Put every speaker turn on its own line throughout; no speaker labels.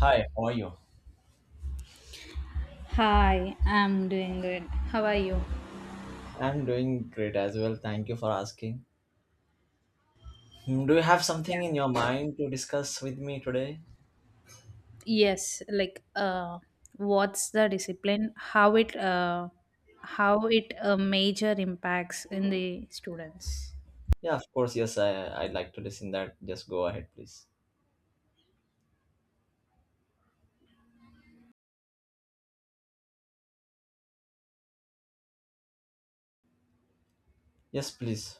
Hi, how are you?
Hi, I'm doing good. How are you?
I'm doing great as well. Thank you for asking. Hmm, do you have something in your
Yeah.
mind to discuss with me today?
Yes, like what's the discipline? How it, major impacts in the students?
Yeah, of course. Yes, I'd like to listen that. Just go ahead, please. Yes, please.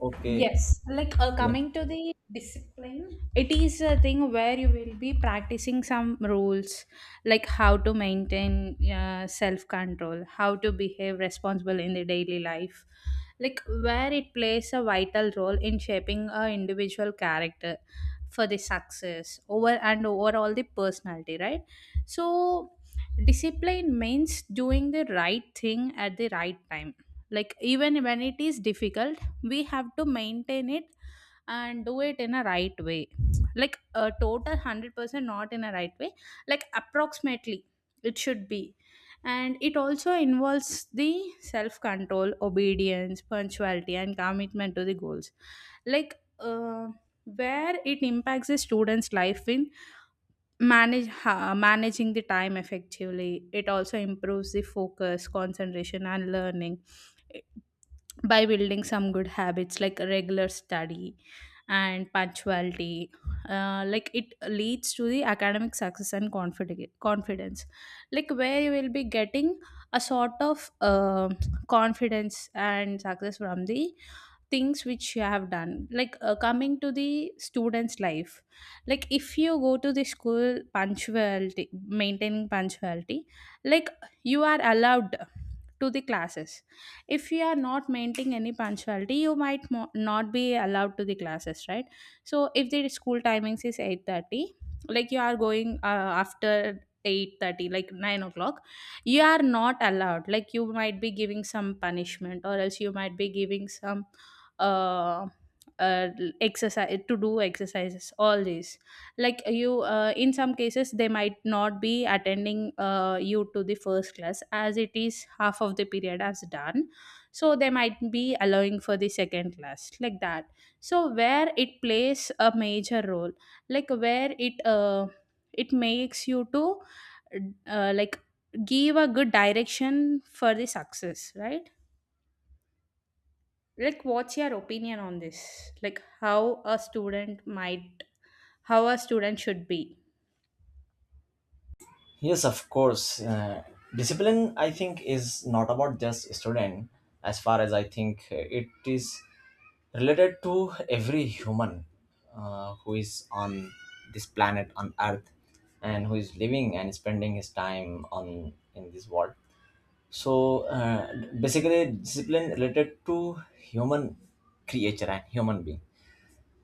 Okay.
Yes, like
Yeah.
coming to the discipline, it is a thing where you will be practicing some rules, like how to maintain self control, how to behave responsible in the daily life, like where it plays a vital role in shaping a individual character for the success over and overall the personality, right? So, discipline means doing the right thing at the right time, like even when it is difficult we have to maintain it and do it in a right way, like a total 100%, not in a right way, like approximately it should be. And it also involves the self control, obedience, punctuality and commitment to the goals, like where it impacts the student's life in managing the time effectively. It also improves the focus, concentration and learning by building some good habits like regular study and punctuality. Like it leads to the academic success and confidence, like where you will be getting a sort of confidence and success from the things which you have done. Like coming to the students life, like if you go to the school, punctuality, maintaining punctuality, like you are allowed to the classes. If you are not maintaining any punctuality you might not be allowed to the classes, right? So if the school timings is 8:30, like you are going after 8:30, like 9 o'clock, you are not allowed. Like you might be giving some punishment, or else you might be giving some uh, uh exercise to do, exercises, all these. Like you in some cases they might not be attending you to the first class as it is half of the period as done, so they might be allowing for the second class, like that. So where it plays a major role, like where it it makes you to like give a good direction for the success, right? Like what's your opinion on this, like how a student might, how a student should be?
Yes, of course. Discipline, I think, is not about just student. As far as I think, it is related to every human who is on this planet on earth, and who is living and spending his time on in this world. So basically discipline related to human creature and human being.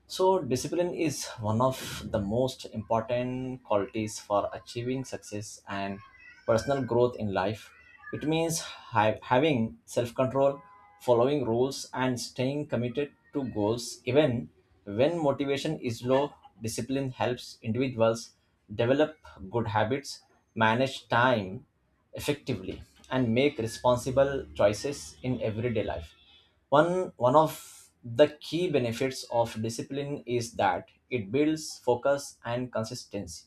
So, discipline is one of the most important qualities for achieving success and personal growth in life. It means having self control, following rules, and staying committed to goals. Even when motivation is low, discipline helps individuals develop good habits, manage time effectively, and make responsible choices in everyday life. One of the key benefits of discipline is that it builds focus and consistency.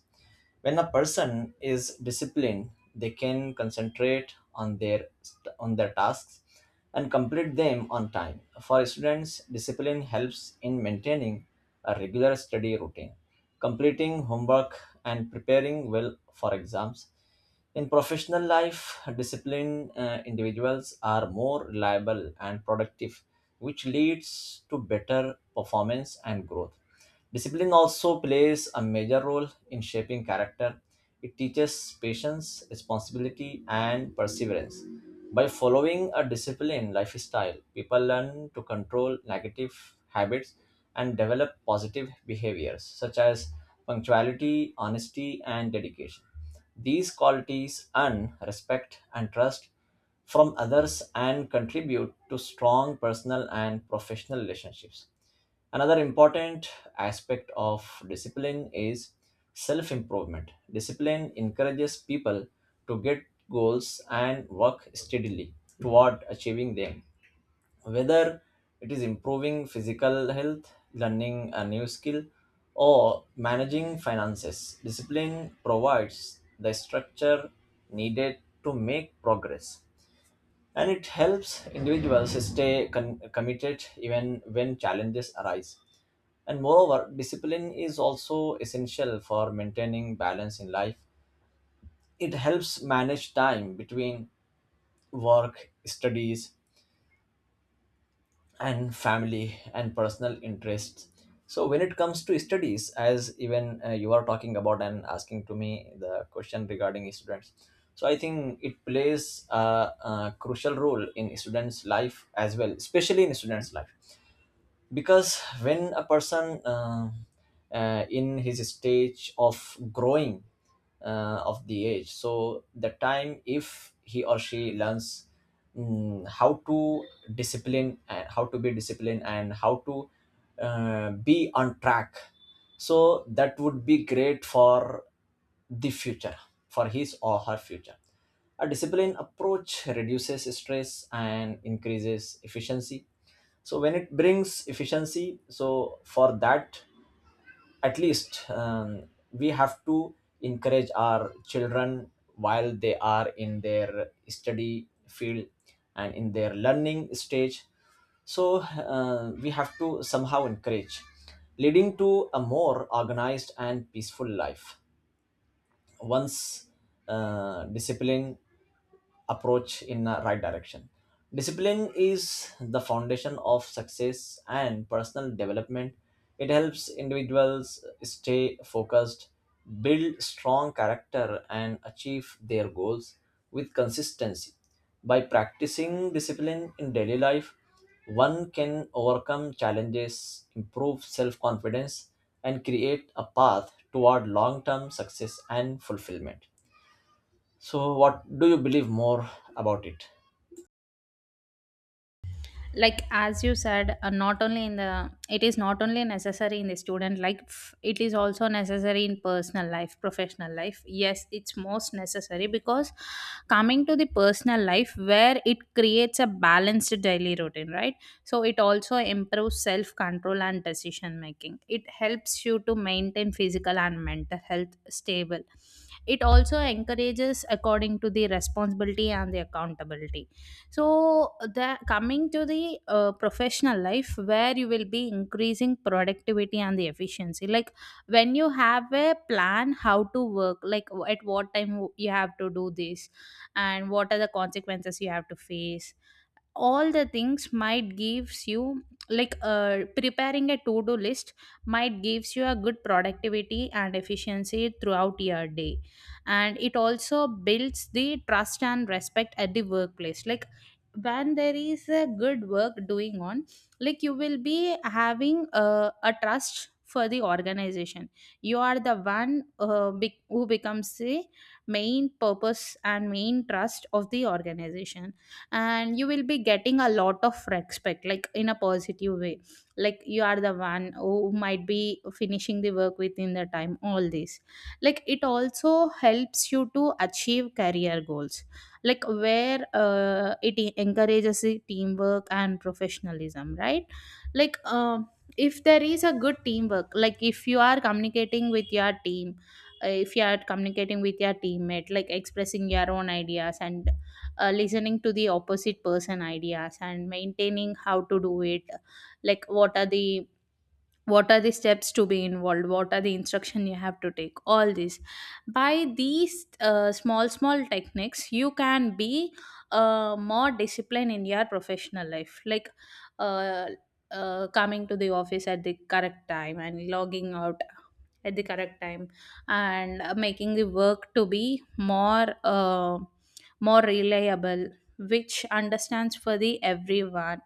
When a person is disciplined, they can concentrate on their tasks and complete them on time. For students, discipline helps in maintaining a regular study routine, completing homework, and preparing well for exams. In professional life, disciplined individuals are more reliable and productive, which leads to better performance and growth. Discipline also plays a major role in shaping character. It teaches patience, responsibility, and perseverance. By following a disciplined lifestyle, people learn to control negative habits and develop positive behaviors such as punctuality, honesty, and dedication. These qualities earn respect and trust from others and contribute to strong personal and professional relationships. Another important aspect of discipline is self improvement. Discipline encourages people to get goals and work steadily toward achieving them. Whether it is improving physical health, learning a new skill, or managing finances, discipline provides the structure needed to make progress. And it helps individuals stay committed even when challenges arise. And moreover, discipline is also essential for maintaining balance in life. It helps manage time between work, studies, and family and personal interests. So, when it comes to studies, as even you are talking about and asking to me the question regarding students, so I think it plays a crucial role in students' life as well, especially in students' life. Because when a person in his stage of growing of the age, so the time if he or she learns how to discipline and how to be disciplined and how to be on track, so that would be great for the future, for his or her future. A disciplined approach reduces stress and increases efficiency. So when it brings efficiency, so for that, at least we have to encourage our children while they are in their study field and in their learning stage. So we have to somehow encourage, leading to a more organized and peaceful life once discipline approach in the right direction. Discipline is the foundation of success and personal development. It helps individuals stay focused, build strong character, and achieve their goals with consistency. By practicing discipline in daily life, one can overcome challenges, improve self confidence, and create a path toward long term success and fulfillment. So, what do you believe more about it?
Like as you said, not only in the it is not only necessary in the student life, it is also necessary in personal life, professional life. Yes, it's most necessary because coming to the personal life where it creates a balanced daily routine, right? So it also improves self control and decision making. It helps you to maintain physical and mental health stable. It also encourages according to the responsibility and the accountability. So the coming to the professional life where you will be increasing productivity and the efficiency, like when you have a plan how to work, like at what time you have to do this and what are the consequences you have to face, all the things might gives you, like preparing a to do list might gives you a good productivity and efficiency throughout your day. And it also builds the trust and respect at the workplace, like when there is a good work doing on, like you will be having a trust for the organization. You are the one, who becomes the main purpose and main trust of the organization, and you will be getting a lot of respect, like in a positive way. Like you are the one who might be finishing the work within the time, all this. Like it also helps you to achieve career goals, like where encourages the teamwork and professionalism, right? Like if there is a good teamwork, like if you are communicating with your team, if you are communicating with your teammate, like expressing your own ideas, and listening to the opposite person ideas and maintaining how to do it. Like what are the, what are the steps to be involved, what are the instruction you have to take, all this. By these small small techniques you can be more disciplined in your professional life. Like uh, coming to the office at the correct time and logging out at the correct time, and making the work to be more reliable, which understands for the everyone,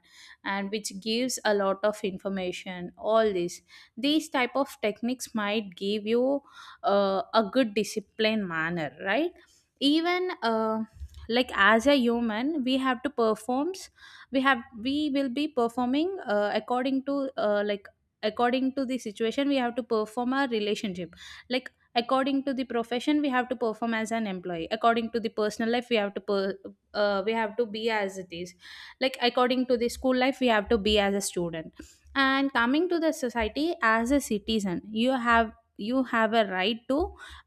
and which gives a lot of information, all this. These type of techniques might give you a good discipline manner, right? Even like as a human we have to performs, we will be performing according to like according to the situation we have to perform a relationship, like according to the profession we have to perform as an employee, according to the personal life we have to we have to be as it is, like according to the school life we have to be as a student. And coming to the society as a citizen, you have a right to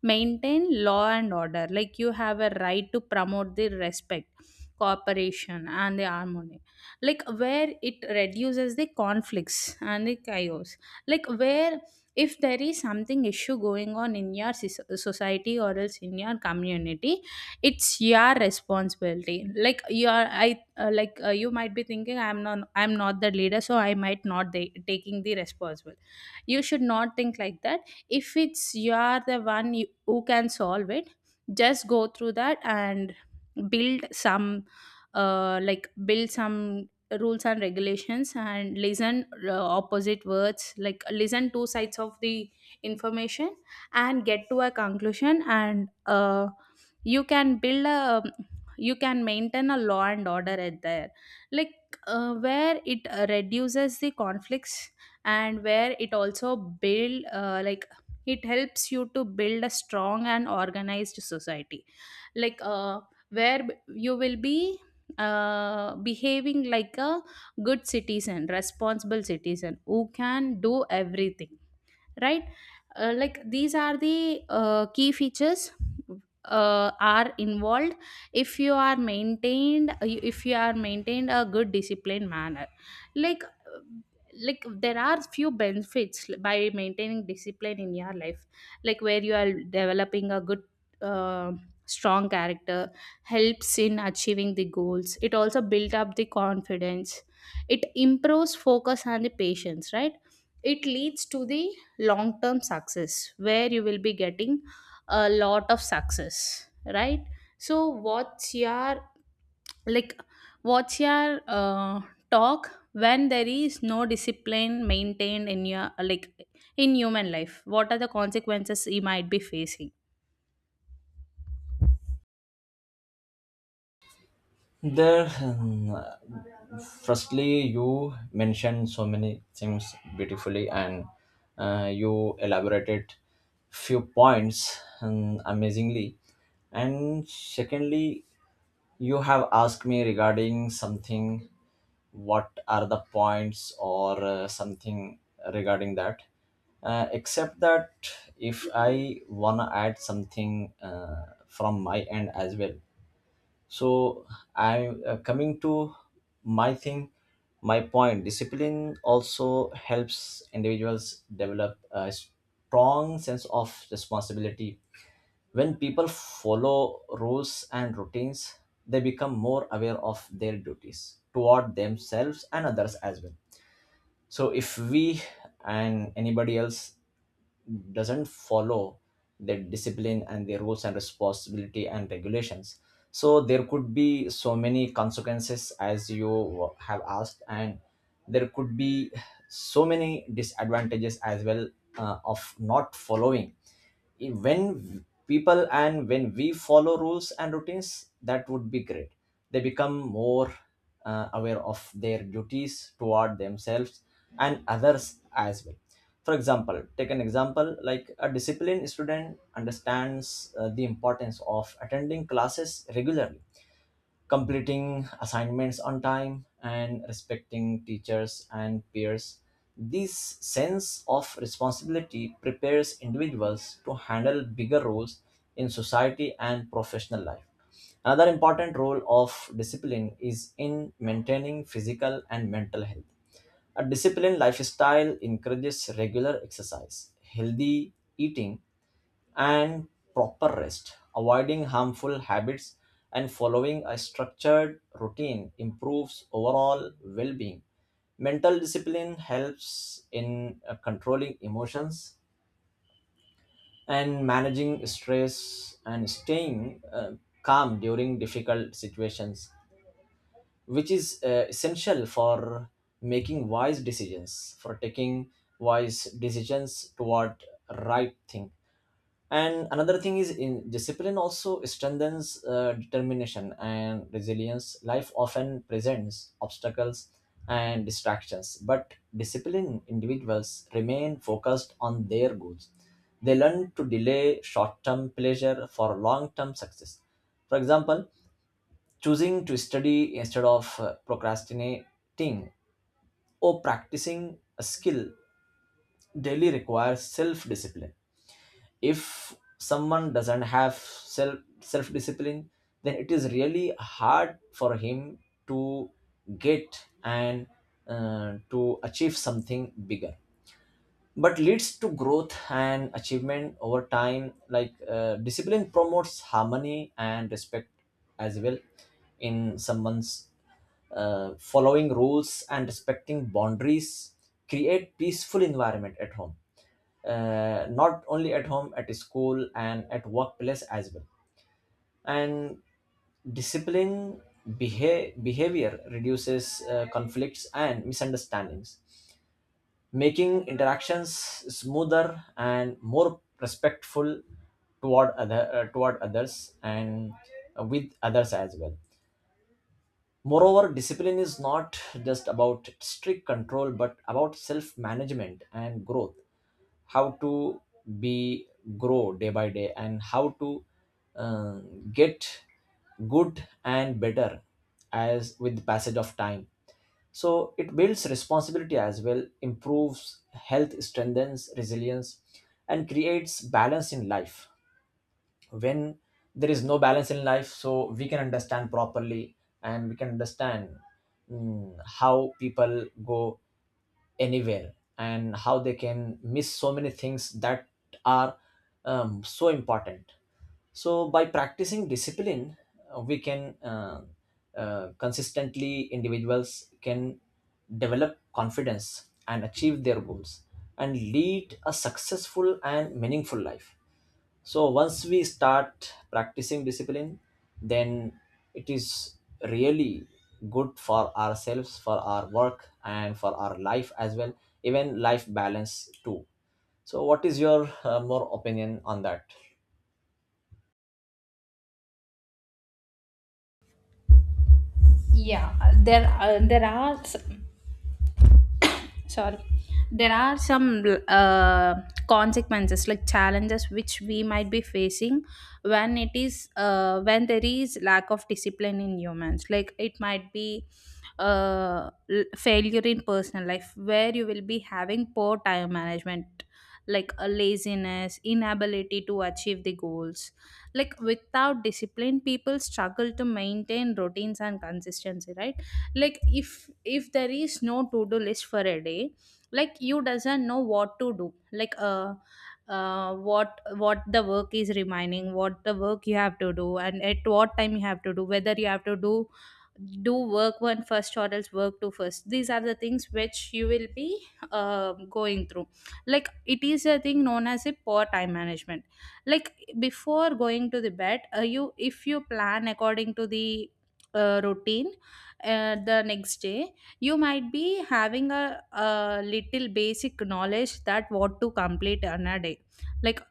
maintain law and order, like you have a right to promote the respect, cooperation and the harmony, like where it reduces the conflicts and the chaos. Like where if there is something issue going on in your society or else in your community, it's your responsibility. Like you might be thinking I'm not the leader, so I might not de- taking the responsible. You should not think like that. If it's you are the one who can solve it, just go through that and build some like build some rules and regulations, and listen opposite words, like listen two sides of the information and get to a conclusion, and you can build a you can maintain a law and order at there. Like where it reduces the conflicts, and where it also build like it helps you to build a strong and organized society. Like where you will be behaving like a good citizen, responsible citizen who can do everything, right? Like these are the key features are involved if you are maintained if you are maintained a good disciplined manner. Like like there are few benefits by maintaining discipline in your life, like where you are developing a good uh, strong character, helps in achieving the goals, it also build up the confidence, it improves focus and the patience, right? It leads to the long term success, where you will be getting a lot of success, right? So like what's your talk when there is no discipline maintained in your, like in human life, what are the consequences you might be facing?
There, hmm, firstly, you mentioned so many things beautifully, and you elaborated few points, hmm, amazingly. And secondly, you have asked me regarding something. What are the points, or something regarding that? Except that, if I wanna add something from my end as well. So I'm coming to my thing, my point. Discipline also helps individuals develop a strong sense of responsibility. When people follow rules and routines, they become more aware of their duties toward themselves and others as well. So if we and anybody else doesn't follow their discipline and their rules and responsibility and regulations, so there could be so many consequences as you have asked, and there could be so many disadvantages as well of not following. When people and when we follow rules and routines, that would be great. They become more aware of their duties toward themselves and others as well. For example, take an example like a disciplined student understands the importance of attending classes regularly, completing assignments on time, and respecting teachers and peers. This sense of responsibility prepares individuals to handle bigger roles in society and professional life. Another important role of discipline is in maintaining physical and mental health. A disciplined lifestyle encourages regular exercise, healthy eating, and proper rest. Avoiding harmful habits and following a structured routine improves overall well being. Mental discipline helps in controlling emotions and managing stress, and staying calm during difficult situations, which is essential for making wise decisions, for taking wise decisions toward right thing. And another thing is in discipline also strengthens determination and resilience. Life often presents obstacles and distractions, but disciplined individuals remain focused on their goals. They learn to delay short-term pleasure for long-term success. For example, choosing to study instead of procrastinating, or practicing a skill daily requires self-discipline. If someone doesn't have self discipline, then it is really hard for him to get and to achieve something bigger, but leads to growth and achievement over time. Like discipline promotes harmony and respect as well. In someone's following rules and respecting boundaries create peaceful environment at home, not only at home, at school and at workplace as well. And discipline behavior reduces conflicts and misunderstandings, making interactions smoother and more respectful toward other toward others and with others as well. Moreover, discipline is not just about strict control, but about self management and growth. How to be grow day by day, and how to uh, get good and better as with the passage of time. So it builds responsibility as well, improves health, strengthens resilience, and creates balance in life. When there is no balance in life, so we can understand properly, and we can understand, how people go anywhere and how they can miss so many things that are so important. So by practicing discipline we can consistently, individuals can develop confidence and achieve their goals and lead a successful and meaningful life. So once we start practicing discipline, then it is really good for ourselves, for our work, and for our life as well, even life balance too. So, what is your more opinion on that?
Yeah there uh, there are s- sorry there are some uh, consequences, like challenges which we might be facing when it is when there is lack of discipline in humans. Like it might be failure in personal life, where you will be having poor time management, like a laziness, inability to achieve the goals. Like without discipline people struggle to maintain routines and consistency, right? Like if there is no to do list for a day, like you doesn't know what to do, like what the work is remaining, what the work you have to do and at what time you have to do, whether you have to do work one first or else work two first. These are the things which you will be going through. Like it is a thing known as a poor time management. Like before going to the bed, you, if you plan according to the routine, the next day you might be having a little basic knowledge that what to complete on a day, like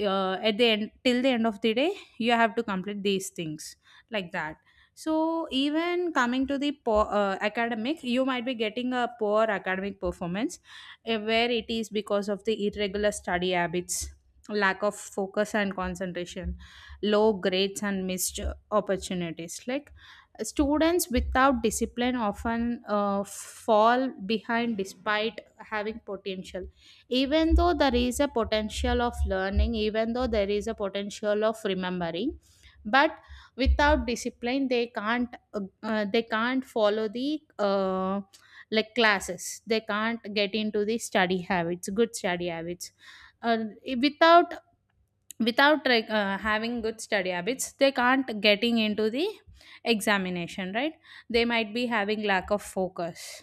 at the end, till the end of the day, you have to complete these things, like that. So even coming to the academic, you might be getting a poor academic performance, where it is because of the irregular study habits, lack of focus and concentration, low grades and missed opportunities. Like students without discipline often fall behind despite having potential. Even though there is a potential of learning, even though there is a potential of remembering, but without discipline, they can't, they can't follow the like classes. They can't get into the study habits, good study habits. Uh, without without having good study habits, they can't getting into the examination, right? They might be having lack of focus.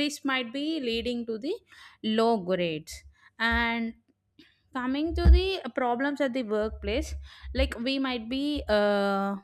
This might be leading to the low grades. And coming to the problems at the workplace, like we might be uh,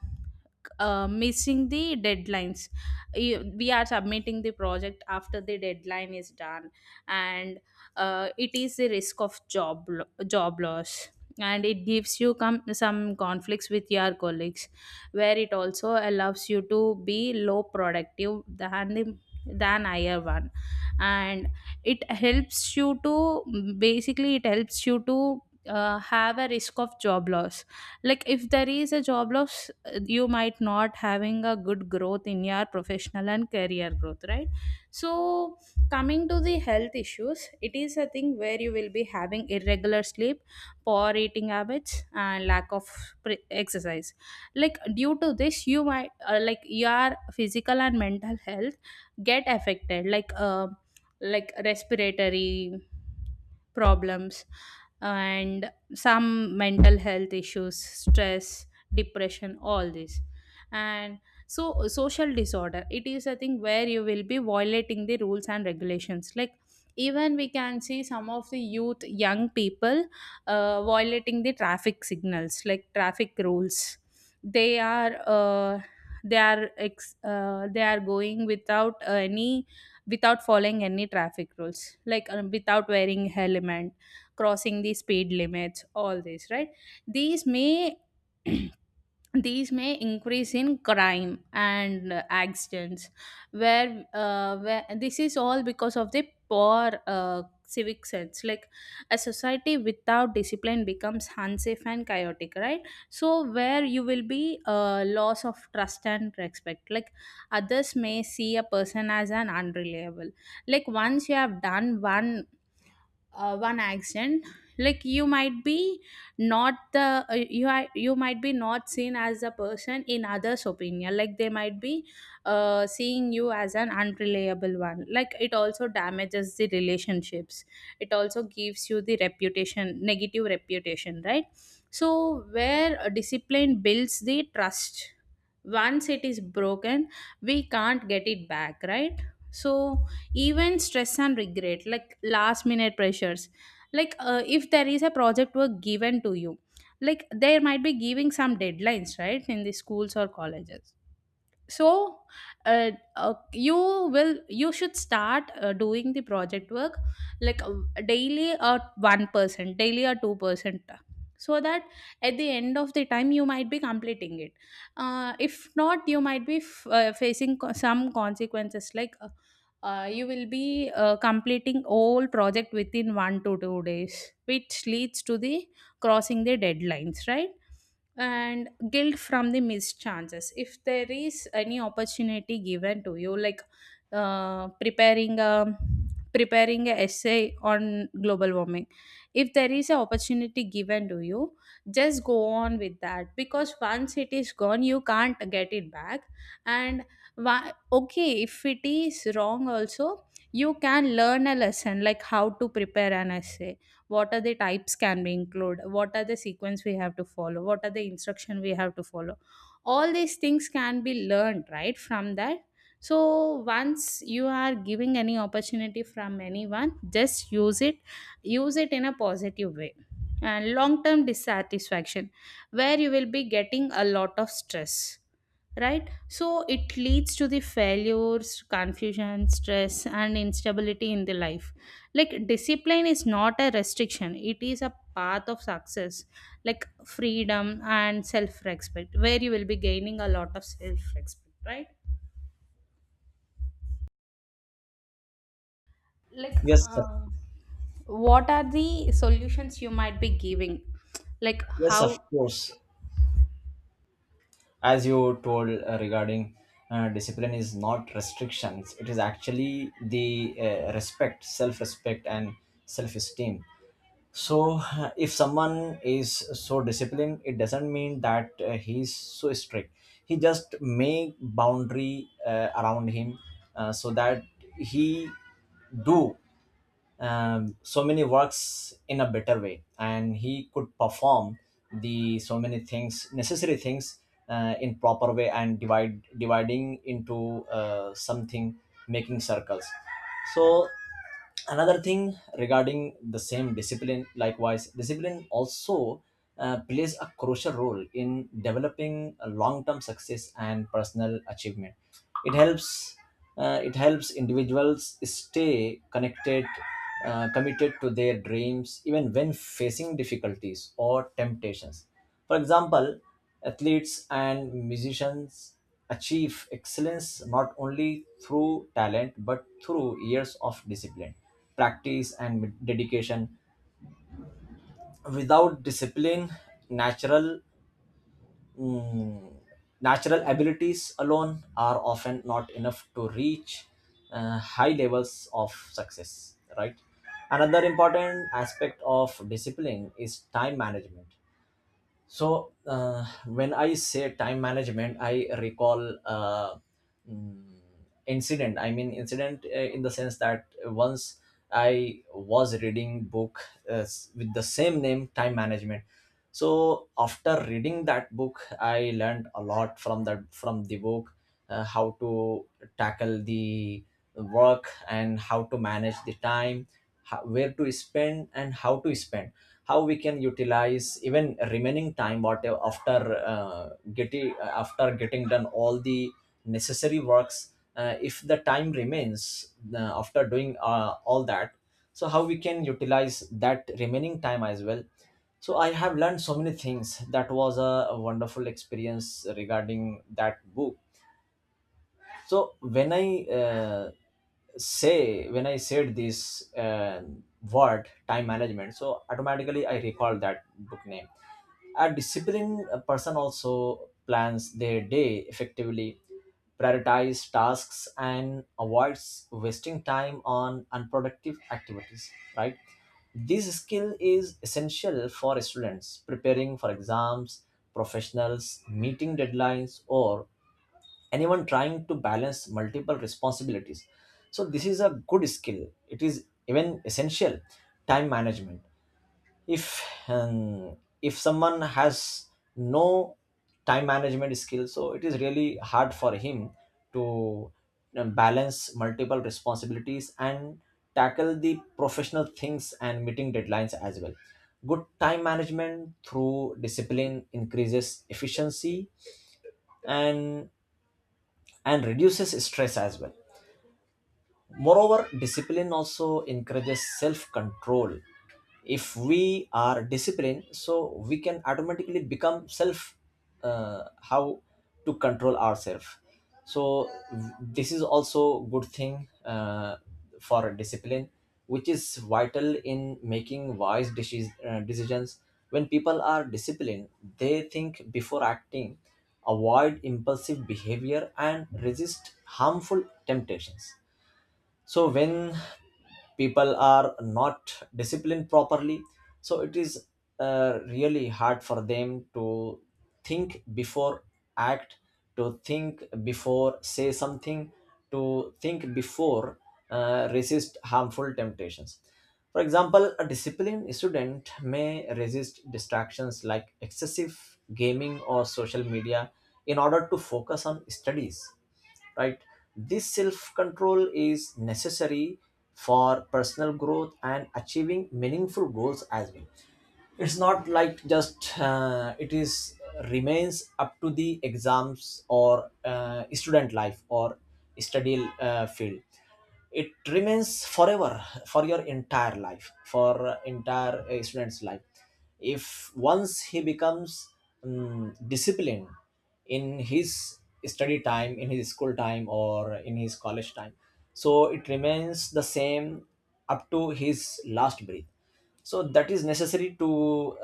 uh, missing the deadlines. We are submitting the project after the deadline is done, and it is the risk of job loss, and it gives you some conflicts with your colleagues, where it also allows you to be low productive than the than higher one. And it helps you to basically it helps you to have a risk of job loss. Like if there is a job loss, you might not having a good growth in your professional and career growth, right? So coming to the health issues, it is a thing where you will be having irregular sleep, poor eating habits, and lack of exercise. Like due to this you might like your physical and mental health get affected, like respiratory problems and some mental health issues, stress, depression, all this. And so social disorder, it is a thing where you will be violating the rules and regulations. Like even we can see some of the youth, young people, violating the traffic signals, like traffic rules. They are they are going without any, without following any traffic rules, like without wearing helmet, crossing the speed limits, all this, right? These may these may increase in crime and accidents, where this is all because of the poor civic sense. Like a society without discipline becomes unsafe and chaotic, right? So where you will be loss of trust and respect. Like others may see a person as an unreliable, like once you have done one accent, like you might be not the you are you might be not seen as a person in others opinion. Like they might be seeing you as an unreliable one. Like it also damages the relationships, it also gives you the reputation, negative reputation, right? So where a discipline builds the trust, once it is broken we can't get it back, right? So even stress and regret, like last minute pressures. Like if there is a project work given to you, like there might be giving some deadlines right in the schools or colleges. So uh, you will you should start doing the project work, like daily a 1%, daily a 2%, so that at the end of the time you might be completing it. If not, you might be facing some consequences, like you will be completing all project within 1 to 2 days, which leads to the crossing the deadlines, right? And guilt from the missed chances. If there is any opportunity given to you, like preparing a preparing a essay on global warming, if there is an opportunity given to you, just go on with that, because once it is gone you can't get it back. And why, okay, if it is wrong also, you can learn a lesson, like how to prepare an essay, what are the types can we include, what are the sequence we have to follow, what are the instruction we have to follow, all these things can be learned right from that. So once you are giving any opportunity from anyone, just use it, use it in a positive way. And long term dissatisfaction, where you will be getting a lot of stress, right? So it leads to the failures, confusion, stress, and instability in the life. Like discipline is not a restriction, it is a path of success, like freedom and self respect, where you will be gaining a lot of self respect, right? Like
Yes, sir.
um, what are the solutions you might be giving, like
Yes, of
how?
course. As you told regarding discipline is not restrictions; it is actually the respect, self-respect, and self-esteem. So if someone is so disciplined, it doesn't mean that he's so strict. He just make boundary around him, so that he do so many works in a better way, and he could perform the so many things, necessary things, in proper way and divide dividing into something, making circles. So another thing regarding the same discipline, likewise, discipline also plays a crucial role in developing a long-term success and personal achievement. It helps it helps individuals stay connected, committed to their dreams even when facing difficulties or temptations. For example, athletes and musicians achieve excellence not only through talent but through years of discipline, practice, and dedication. Without discipline, natural mm, natural abilities alone are often not enough to reach high levels of success. Right. Another important aspect of discipline is time management. So when I say time management, I recall mm, incident. I mean incident in the sense that once I was reading book with the same name, time management. So after reading that book, I learned a lot from that, from the book, how to tackle the work and how to manage the time, how, where to spend and how to spend, how we can utilize even remaining time whatever after getting after getting done all the necessary works. If the time remains after doing all that, so how we can utilize that remaining time as well. So I have learned so many things. That was a wonderful experience regarding that book. So when I said this word time management, so automatically I recall that book name. A disciplined person also plans their day effectively, prioritize tasks and avoids wasting time on unproductive activities, right? This skill is essential for students preparing for exams, professionals meeting deadlines, or anyone trying to balance multiple responsibilities. So this is a good skill, it is even essential, time management. If if someone has no time management skill, so it is really hard for him to balance multiple responsibilities and tackle the professional things and meeting deadlines as well. Good time management through discipline increases efficiency, and reduces stress as well. Moreover, discipline also encourages self control. If we are disciplined, so we can automatically become self, how to control ourselves. So this is also good thing for discipline, which is vital in making decisions. When people are disciplined, they think before acting, avoid impulsive behavior, and resist harmful temptations. So when people are not disciplined properly, so it is really hard for them to think before act, to think before say something, to think before resist harmful temptations. For example, a disciplined student may resist distractions like excessive gaming or social media in order to focus on studies, right? This self control is necessary for personal growth and achieving meaningful goals as well. It's not like just it is remains up to the exams or student life or study field. It remains forever, for your entire life, for entire student's life. If once he becomes disciplined in his study time, in his school time, or in his college time, so it remains the same up to his last breath. So that is necessary to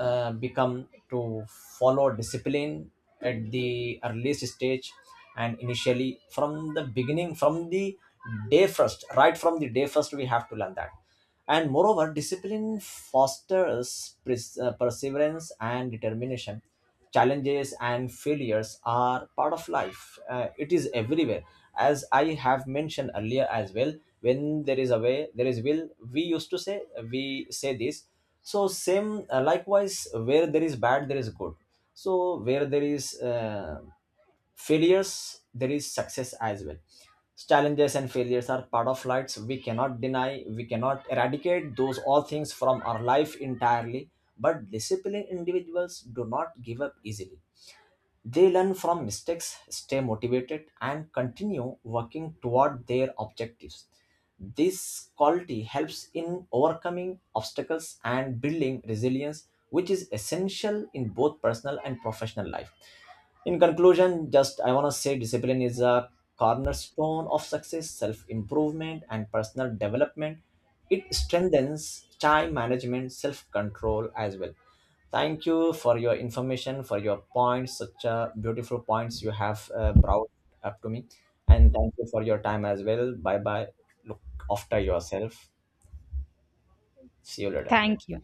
become to follow discipline at the earliest stage and initially, from the beginning, from the day first. Right from the day first we have to learn that. And moreover, discipline fosters perseverance and determination. Challenges and failures are part of life. It is everywhere, as I have mentioned earlier as well. When there is a way there is will, we used to say, we say this. So same, likewise, where there is bad there is good. So where there is uh, failures, there is success as well. Challenges and failures are part of lives. We cannot deny, we cannot eradicate those all things from our life entirely, but disciplined individuals do not give up easily. They learn from mistakes, stay motivated, and continue working toward their objectives. This quality helps in overcoming obstacles and building resilience, which is essential in both personal and professional life. In conclusion, just I want to say discipline is a cornerstone of success, self improvement, and personal development. It strengthens time management, self control as well. Thank you for your information, for your points, such beautiful points you have brought up to me. And thank you for your time as well. Bye bye. Look after yourself. See you later.
Thank you.